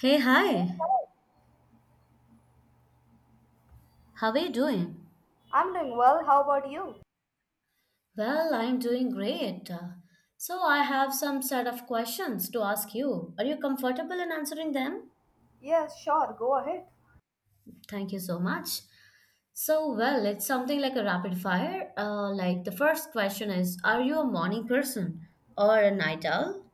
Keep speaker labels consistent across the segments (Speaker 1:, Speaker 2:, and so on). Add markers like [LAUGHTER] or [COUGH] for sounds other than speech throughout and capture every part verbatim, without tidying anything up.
Speaker 1: Hey, hi. How are you doing?
Speaker 2: I'm doing well. How about you?
Speaker 1: Well, I'm doing great. Uh, So, I have some set of questions to ask you. Are you comfortable in answering them?
Speaker 2: Yes, sure. Go ahead.
Speaker 1: Thank you so much. So, well, it's something like a rapid fire. Uh, like the first question is, are you a morning person or a night owl?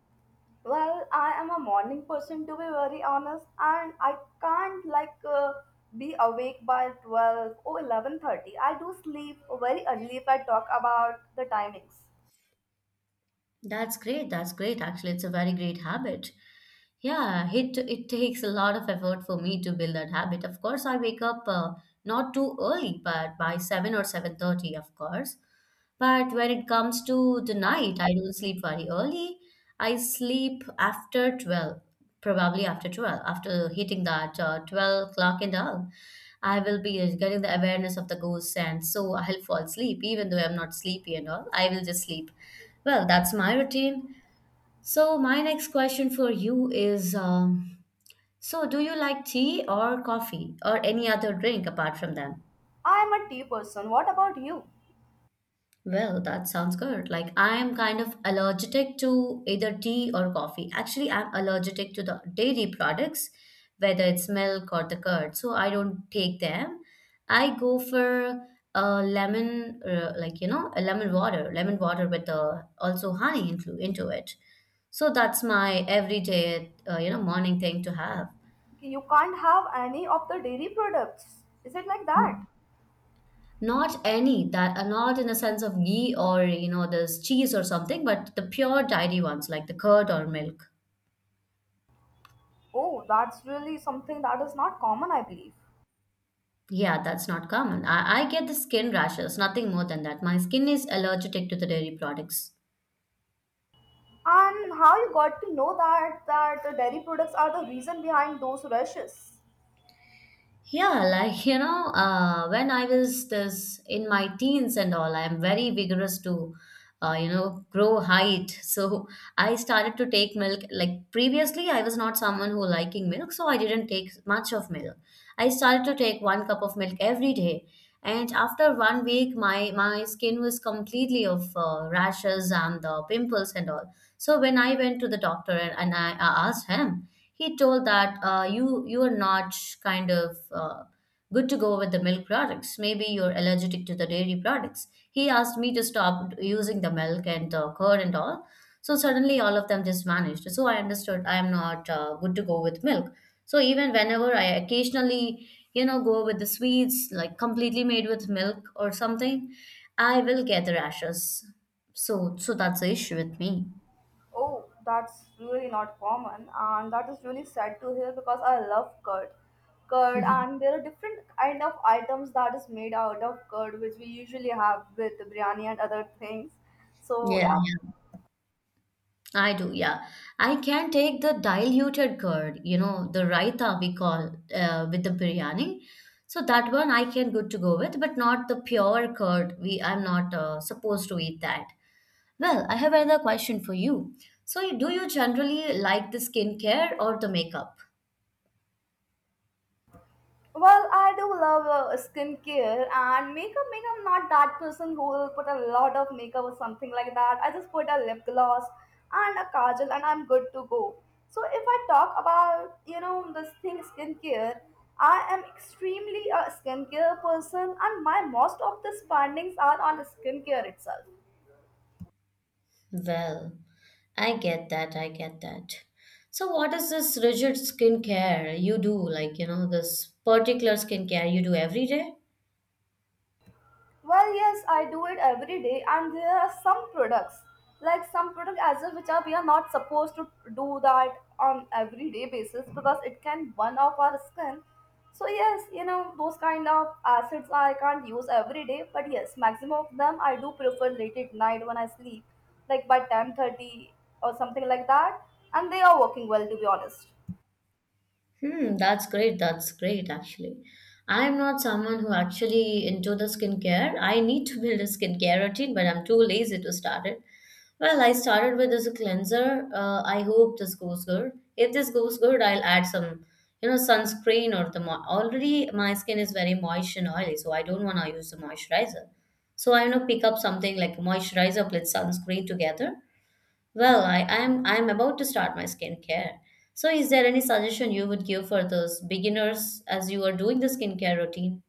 Speaker 2: Well, I am a morning person to be very honest, and I can't like uh, be awake by twelve or eleven thirty. I do sleep very early if I talk about the timings.
Speaker 1: That's great. That's great. Actually, it's a very great habit. Yeah, it it takes a lot of effort for me to build that habit. Of course, I wake up uh, not too early, but by seven or seven thirty, of course. But when it comes to the night, I don't sleep very early. I sleep after twelve, probably after twelve, after hitting that uh, twelve o'clock and all. I will be getting the awareness of the ghosts, and so I'll fall asleep, even though I'm not sleepy and all. I will just sleep. Well, that's my routine. So, my next question for you is um, so, do you like tea or coffee or any other drink apart from them?
Speaker 2: I am a tea person. What about you?
Speaker 1: Well, that sounds good. Like I'm kind of allergic to either tea or coffee. Actually, I'm allergic to the dairy products, whether it's milk or the curd. So I don't take them. I go for a lemon, uh, like you know, a lemon water, lemon water with the also honey into into it. So that's my everyday, uh, you know, morning thing to have.
Speaker 2: You can't have any of the dairy products. Is it like that?
Speaker 1: Not any that are not in the sense of ghee or you know this cheese or something, but the pure dairy ones like the curd or milk.
Speaker 2: Oh, that's really something that is not common, I believe.
Speaker 1: Yeah, that's not common. I, I get the skin rashes, nothing more than that. My skin is allergic to the dairy products.
Speaker 2: And how you got to know that that the dairy products are the reason behind those rashes?
Speaker 1: Yeah, like you know, uh, when I was this in my teens and all, I'm very vigorous to, uh, you know, grow height. [LAUGHS] So I started to take milk. Like previously, I was not someone who liking milk, so I didn't take much of milk. I started to take one cup of milk every day, and after one week, my my skin was completely of uh, rashes and the pimples and all. So when I went to the doctor and, and I, I asked him, he told that uh, you you are not kind of uh, good to go with the milk products. Maybe you're allergic to the dairy products. He asked me to stop using the milk and the curd and all. So suddenly all of them just vanished. So I understood I am not uh, good to go with milk. So even whenever I occasionally you know go with the sweets like completely made with milk or something, I will get the rashes. So so that's the issue with me.
Speaker 2: Oh, that's really not common, and that is really sad to hear because I love curd. Curd, and there are different kind of items that is made out of curd, which we usually have with biryani and other things. So
Speaker 1: Yeah,
Speaker 2: yeah.
Speaker 1: yeah, I do. Yeah, I can take the diluted curd, you know, the raita we call uh, with the biryani. So that one I can good to go with, but not the pure curd. We I'm not uh, supposed to eat that. Well, I have another question for you. So, you- do you generally like the skincare or the makeup?
Speaker 2: Well, I do love uh, skincare and makeup. Makeup, I'm not that person who will put a lot of makeup or something like that. I just put a lip gloss and a kajal, and I'm good to go. So if I talk about you know this thing skincare, I am extremely a skincare person, and my most of the spendings are on skincare itself.
Speaker 1: Well, I get that. I get that. So, what is this rigid skincare you do? Like, you know, this particular skincare you do every day?
Speaker 2: Well, yes, I do it every day, and there are some products, like some product as well, which are we are not supposed to do that on everyday basis because it can burn off our skin. So yes, you know those kind of acids I can't use every day, but yes, maximum of them I do prefer late at night when I sleep, like by ten thirty or something like that, and they are working well to be honest.
Speaker 1: Hmm, that's great. That's great, actually. I'm not someone who actually into the skincare. I need to build a skincare routine, but I'm too lazy to start it. Well, I started with this cleanser. Uh, I hope this goes good. If this goes good, I'll add some, you know, sunscreen or the mo- already my skin is very moist and oily, so I don't want to use the moisturizer. So I, you know, pick up something like moisturizer plus sunscreen together well, I, I'm I'm about to start my skincare. So is there any suggestion you would give for those beginners as you are doing the skincare routine?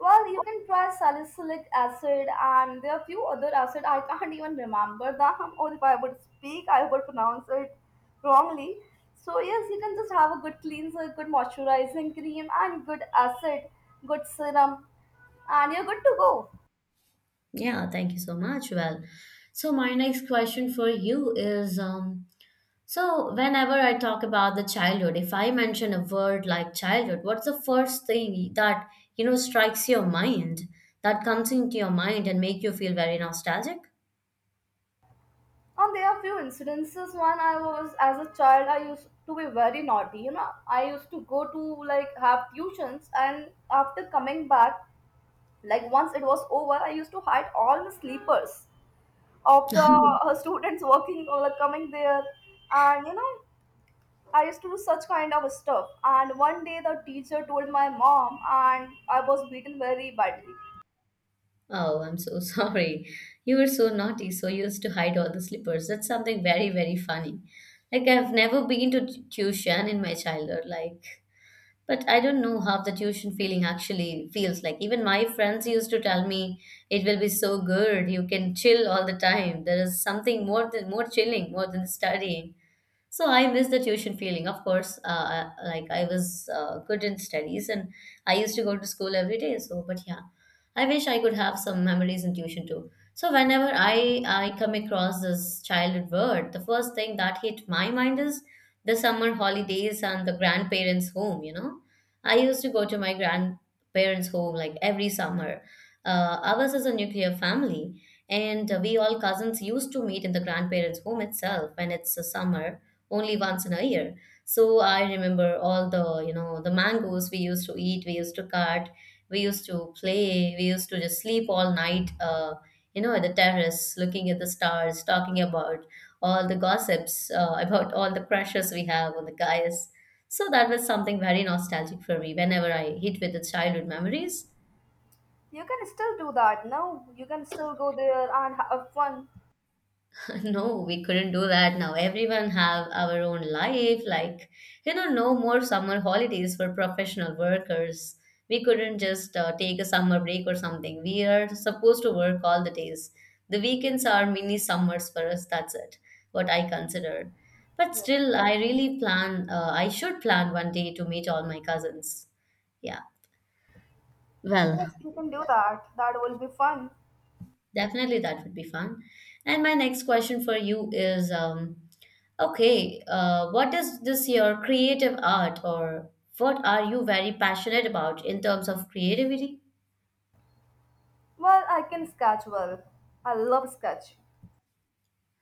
Speaker 2: Well, you can try salicylic acid, and there are a few other acid I can't even remember them, or if I would speak, I would pronounce it wrongly. So yes, you can just have a good cleanser, good moisturizing cream, and good acid, good serum, and you're good to go.
Speaker 1: Yeah, thank you so much. Well, so my next question for you is um so whenever I talk about the childhood, if I mention a word like childhood, what's the first thing that you know strikes your mind that comes into your mind and make you feel very nostalgic?
Speaker 2: And there are few incidences. One, I was as a child, I used to be very naughty. You know, I used to go to like have tuitions, and after coming back, like once it was over, I used to hide all the sleepers of the
Speaker 1: [LAUGHS]
Speaker 2: uh, students working or like coming there and you know i used to do such kind of stuff, and one day the teacher told my mom and i was beaten very badly.
Speaker 1: Oh, I'm so [LAUGHS] sorry. You were so naughty, so used to hide all the slippers. That's something very, very funny. Like, I've never been to t- tuition in my childhood, like, but I don't know how the tuition feeling actually feels like. Even my friends used to tell me it will be so good. You can chill all the time. There is something more than more chilling, more than studying. So I miss the tuition feeling. Of course, uh, I- like I was uh, good in studies and I used to go to school every day. So, but yeah, I wish I could have some memories in tuition too. So whenever I I come across this childhood word, the first thing that hit my mind is the summer holidays and the grandparents' home. You know, I used to go to my grandparents' home like every summer. Uh, ours is a nuclear family, and we all cousins used to meet in the grandparents' home itself when it's a summer only once in a year. So I remember all the, you know, the mangoes we used to eat, we used to cut, we used to play, we used to just sleep all night, uh, you know, at the terrace, looking at the stars, talking about all the gossips, uh, [LAUGHS] about all the crushes we have on the guys. So that was something very nostalgic for me whenever I hit with the childhood memories.
Speaker 2: You can still do that. No, you can still go there and have fun.
Speaker 1: [LAUGHS] No, we couldn't do that now. Everyone have our own life. Like, you know, no more summer holidays for professional workers. We couldn't just uh, take a summer break or something. We are supposed to work all the days. The weekends are mini summers for us. That's it, what I consider. But
Speaker 2: Yes.
Speaker 1: still, I really plan, uh, I should plan one day to meet all my cousins. Yeah.
Speaker 2: Yes,
Speaker 1: Well,
Speaker 2: you can do that. That will be fun.
Speaker 1: definitely, that would be fun. And my next question for you is, um, okay, uh, what is this your creative art, or what are you very passionate about in terms of creativity?
Speaker 2: Well, i can sketch well. I love sketch.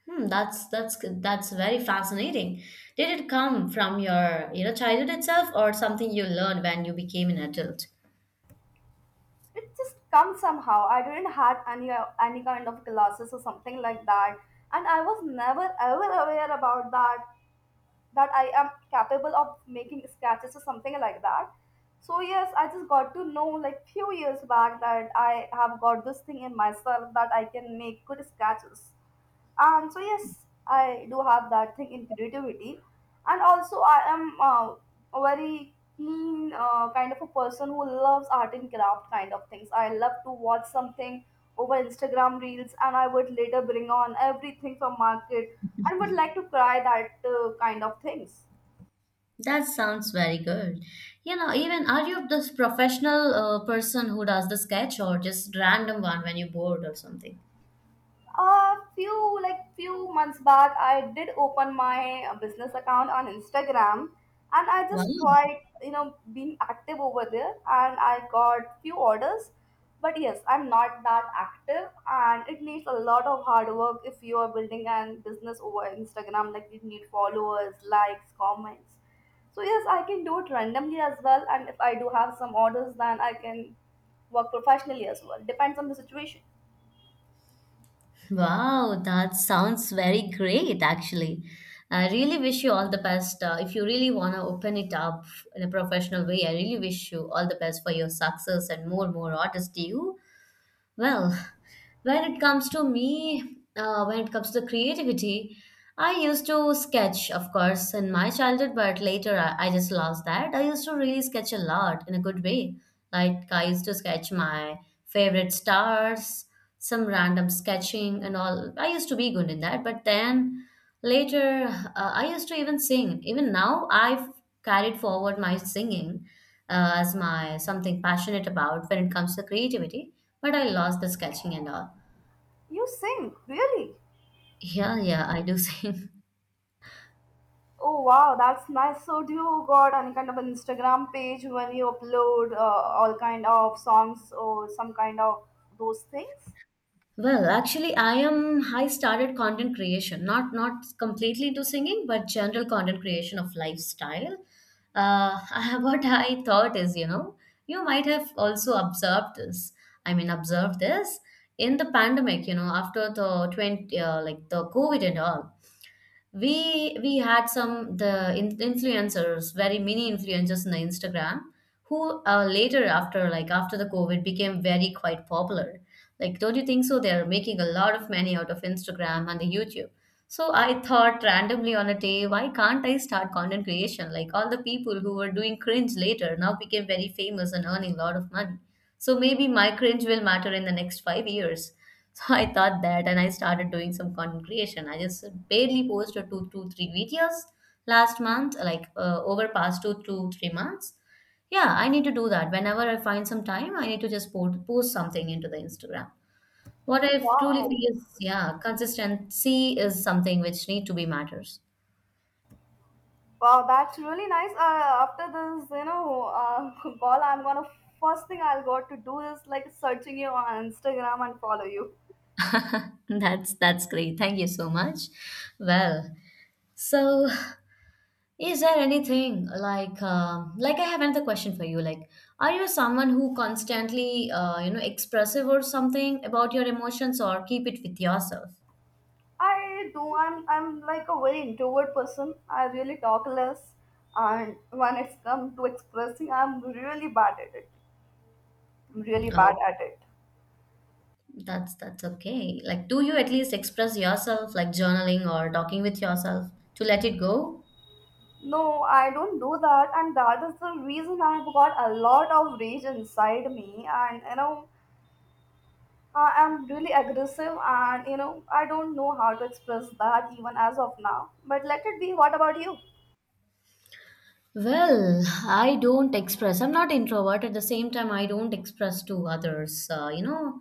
Speaker 1: Hmm, that's that's good- that's very fascinating. Did it come from your you know childhood itself, or something you learned when you became an adult?
Speaker 2: It just comes somehow. I didn't had any any kind of classes or something like that, and i was never ever aware about that, that I am capable of making sketches or something like that. So yes, I just got to know like few years back that I have got this thing in myself that I can make good sketches, and so yes i do have that thing in creativity. And also i am uh, a very keen uh, kind of a person who loves art and craft kind of things. I love to watch something over Instagram reels, and i would later bring on everything from market and would like to try that uh, kind of things.
Speaker 1: That sounds very good. You know, even are you this professional uh, person who does the sketch, or just random one when you're bored or something?
Speaker 2: A few like few months back i did open my uh, business account on Instagram, and i
Speaker 1: Wow.
Speaker 2: just tried you know being active over there, and i got few orders. But yes, I'm not that active, and it needs a lot of hard work if you are building a business over Instagram. Like you need followers, likes, comments. So yes, i can do it randomly as well, and if i do have some orders, then i can work professionally as well. Depends on the situation.
Speaker 1: Wow, that sounds very great, actually. I really wish you all the best. Uh, if you really want to open it up in a professional way, I really wish you all the best for your success and more, more artists to you. Well, when it comes to me uh, when it comes to the creativity I used to sketch of course in my childhood, but later I, I just lost that. I used to really sketch a lot in a good way, like I used to sketch my favorite stars, some random sketching and all. I used to be good in that, but then later, uh, I used to even sing. Even now I've carried forward my singing uh, as my something passionate about when it comes to creativity, but I lost the sketching and all.
Speaker 2: You sing really?
Speaker 1: Yeah, yeah, I do sing. [LAUGHS]
Speaker 2: Oh wow, that's nice. So do you got any kind of an Instagram page when you upload uh, all kind of songs or some kind of those things?
Speaker 1: Well, actually, I am. I started content creation, not not completely into singing, but general content creation of lifestyle. Uh, [LAUGHS] what I thought is, you know, you might have also observed this. I mean, observed this in the pandemic. You know, after the twenty, uh, like the COVID and all. we we had some the in, influencers, very many influencers in the Instagram who uh, later after like after the COVID became very quite popular. Like, don't you think so they're making a lot of money out of Instagram and the YouTube? So I thought randomly on a day, why can't I start content creation? Like all the people who were doing cringe later now became very famous and earning a lot of money, so maybe my cringe will matter in the next five years. So I thought that and I started doing some content creation. I just barely posted two, two, three videos last month, like uh, over past two, two, three months. Yeah, I need to do that. Whenever I find some time, I need to just post, post something into the Instagram. What I truly
Speaker 2: Wow,
Speaker 1: feel is, yeah, consistency is something which need to be matters.
Speaker 2: wow, that's really nice. Uh, after this, you know, uh, [LAUGHS] call, I'm gonna first thing I'll got to do is like searching you on Instagram and follow you.
Speaker 1: [LAUGHS] That's that's great. Thank you so much. Well, so Is there anything like um like I have another question for you? Like, are you someone who constantly uh, you know expressive or something about your emotions, or keep it with yourself?
Speaker 2: I do. I'm I'm like a very introvert person. I really talk less, and when it's come to expressing, I'm really bad at it. I'm really
Speaker 1: Oh,
Speaker 2: bad at it.
Speaker 1: that's that's okay. Like, do you at least express yourself, like journaling or talking with yourself to let it go?
Speaker 2: No, I don't do that, and that is the reason I've got a lot of rage inside me, and you know, I am really aggressive, and you know, I don't know how to express that even as of now. But let it be. What about you?
Speaker 1: Well, I don't express. I'm not introvert. At the same time, I don't express to others. Uh, you know,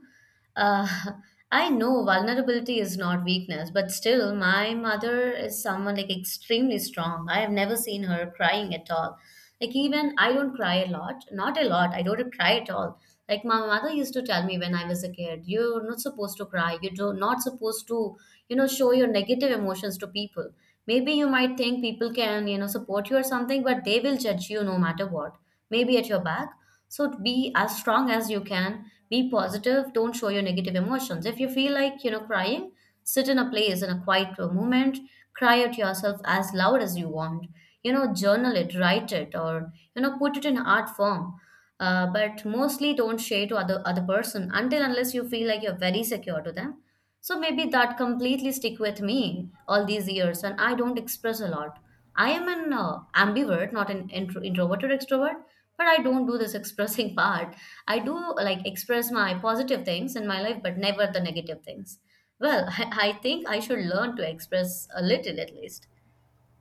Speaker 1: uh, [LAUGHS] I know vulnerability is not weakness, but still, my mother is someone like extremely strong. I have never seen her crying at all. Like even I don't cry a lot, not a lot. I don't cry at all. Like my mother used to tell me when I was a kid, you're not supposed to cry. You do not supposed to, you know, show your negative emotions to people. Maybe you might think people can, you know, support you or something, but they will judge you no matter what. Maybe at your back. So be as strong as you can, be positive, don't show your negative emotions. If you feel like, you know, crying, sit in a place in a quiet moment, cry at yourself as loud as you want. You know, journal it, write it, or you know, put it in art form. Uh, but mostly don't share to other other person until unless you feel like you're very secure to them. So maybe that completely stick with me all these years, and I don't express a lot. I am an uh, ambivert, not an intro- introverted extrovert, but I don't do this expressing [LAUGHS] part. I do like express my positive things in my life, but never the negative things. Well, [LAUGHS] I, I think I should learn to express a little at least.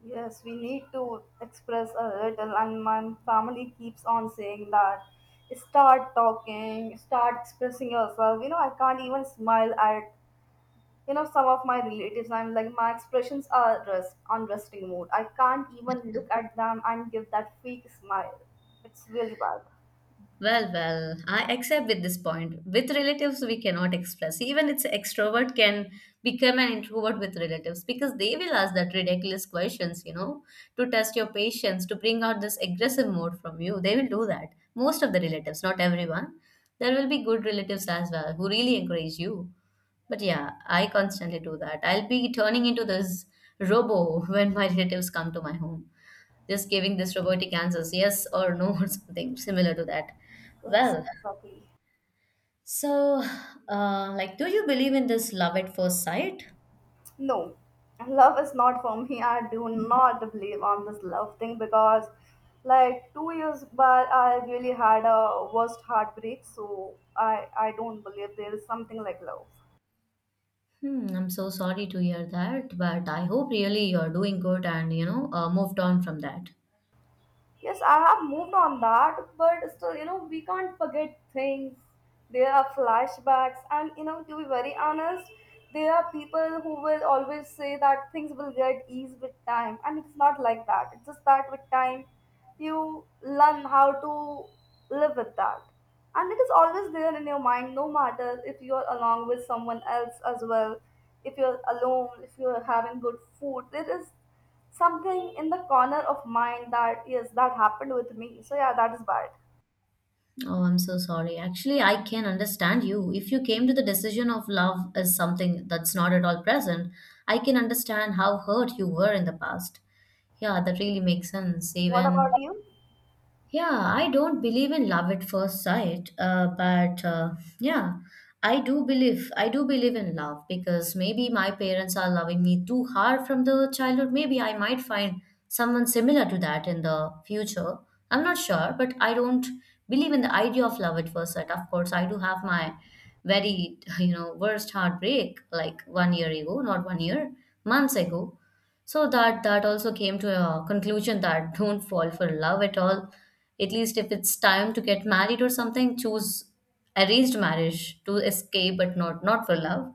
Speaker 2: Yes, we need to express a little, and my family keeps on saying that start talking, start expressing yourself. You know, I can't even smile at, you know, some of my relatives. I'm like, my expressions are rest on resting mode. I can't even look at them and give that fake smile. It's really bad.
Speaker 1: Well, well, I accept with this point. With relatives, we cannot express. Even it's extrovert can become an introvert with relatives because they will ask that ridiculous questions, you know, to test your patience, to bring out this aggressive mode from you. They will do that. Most of the relatives, not everyone. There will be good relatives as well who really encourage you. But yeah, I constantly do that. I'll be turning into this robo [LAUGHS] when my relatives come to my home, just giving this robotic answers, yes or no, [LAUGHS] or something similar to that.
Speaker 2: Yes,
Speaker 1: Well,
Speaker 2: exactly.
Speaker 1: so uh, like, do you believe in this love at first sight?
Speaker 2: No, love is not for me. I do not believe on this love thing because, like, two years back, I really had a worst heartbreak. So I I don't believe there is something like love.
Speaker 1: Hmm, I'm so sorry to hear that, but I hope really you're doing good and you know uh, moved on from that.
Speaker 2: Yes, I have moved on that, but still, you know, we can't forget things. There are flashbacks, and you know, to be very honest, there are people who will always say that things will get ease with time, and it's not like that. It's just that with time, you learn how to live with that, and it is always there in your mind, no matter if you're along with someone else as well, if you're alone, if you're having good food. There is something in the corner of mind that yes, that happened with me. So yeah, that is bad.
Speaker 1: Oh, I'm so sorry. Actually, I can understand you. If you came to the decision of love as something that's not at all present, I can understand how hurt you were in the past. Yeah, that really makes sense.
Speaker 2: What
Speaker 1: Even
Speaker 2: about you?
Speaker 1: yeah, I don't believe in love at first sight, uh, but uh, yeah, I do believe I do believe in love because maybe my parents are loving me too hard from the childhood. Maybe I might find someone similar to that in the future. I'm not sure, but I don't believe in the idea of love at first sight. Of course, I do have my very [LAUGHS] you know worst heartbreak like one year ago, not one year, months ago. So that that also came to a conclusion that don't fall for love at all. At least if it's time to get married or something, choose arranged marriage to escape, but not not for love.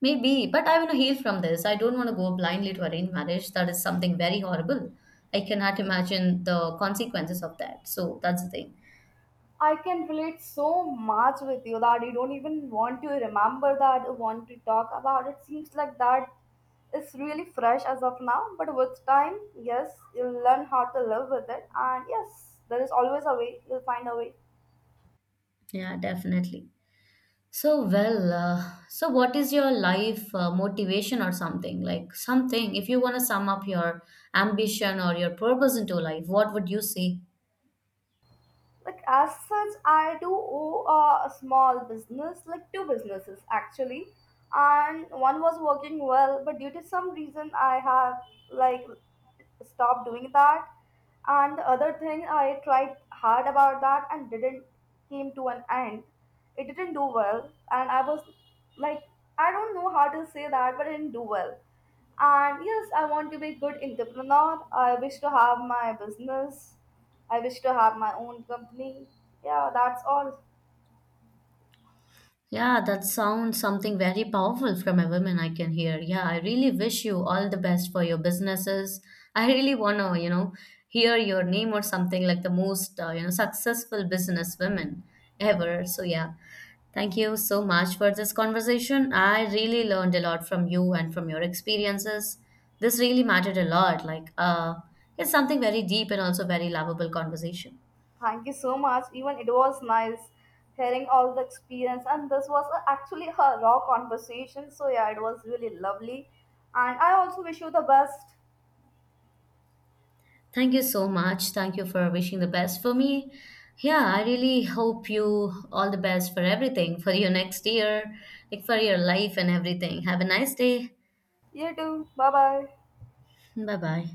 Speaker 1: Maybe, but I want to heal from this. I don't want to go blindly to arranged marriage. That is something very horrible. I cannot imagine the consequences of that. So that's the thing.
Speaker 2: I can relate so much with you that you don't even want to remember that, or want to talk about it. Seems like that is really fresh as of now, but with time, yes, you'll learn how to live with it, and yes, there is always a way, you'll find a way.
Speaker 1: Yeah, definitely. So well, uh, so what is your life uh, motivation or something like something? If you want to sum up your ambition or your purpose into life, what would you say?
Speaker 2: Like as such, I do owe uh, a small business, like two businesses actually, and one was working well, but due to some reason, I have like stopped doing that. And the other thing, I tried hard about that and didn't came to an end. It didn't do well, and I was like, I don't know how to say that, but it didn't do well. And yes, I want to be a good entrepreneur. I wish to have my business. I wish to have my own company. Yeah, that's all.
Speaker 1: Yeah, that sounds something very powerful from a woman I can hear. Yeah, I really wish you all the best for your businesses. I really want to, you know, hear your name or something like the most, uh, you know, successful business women ever. So yeah, thank you so much for this conversation. I really learned a lot from you and from your experiences. This really mattered a lot. Like, uh, it's something very deep and also very lovable conversation.
Speaker 2: Thank you so much. Even it was nice hearing all the experience, and this was a- actually a raw conversation. So yeah, it was really lovely. And I also wish you the best.
Speaker 1: Thank you so much. Thank you for wishing the best for me. Yeah, I really hope you all the best for everything, for your next year, like for your life and everything. Have a nice day.
Speaker 2: You too. Bye bye.
Speaker 1: Bye bye.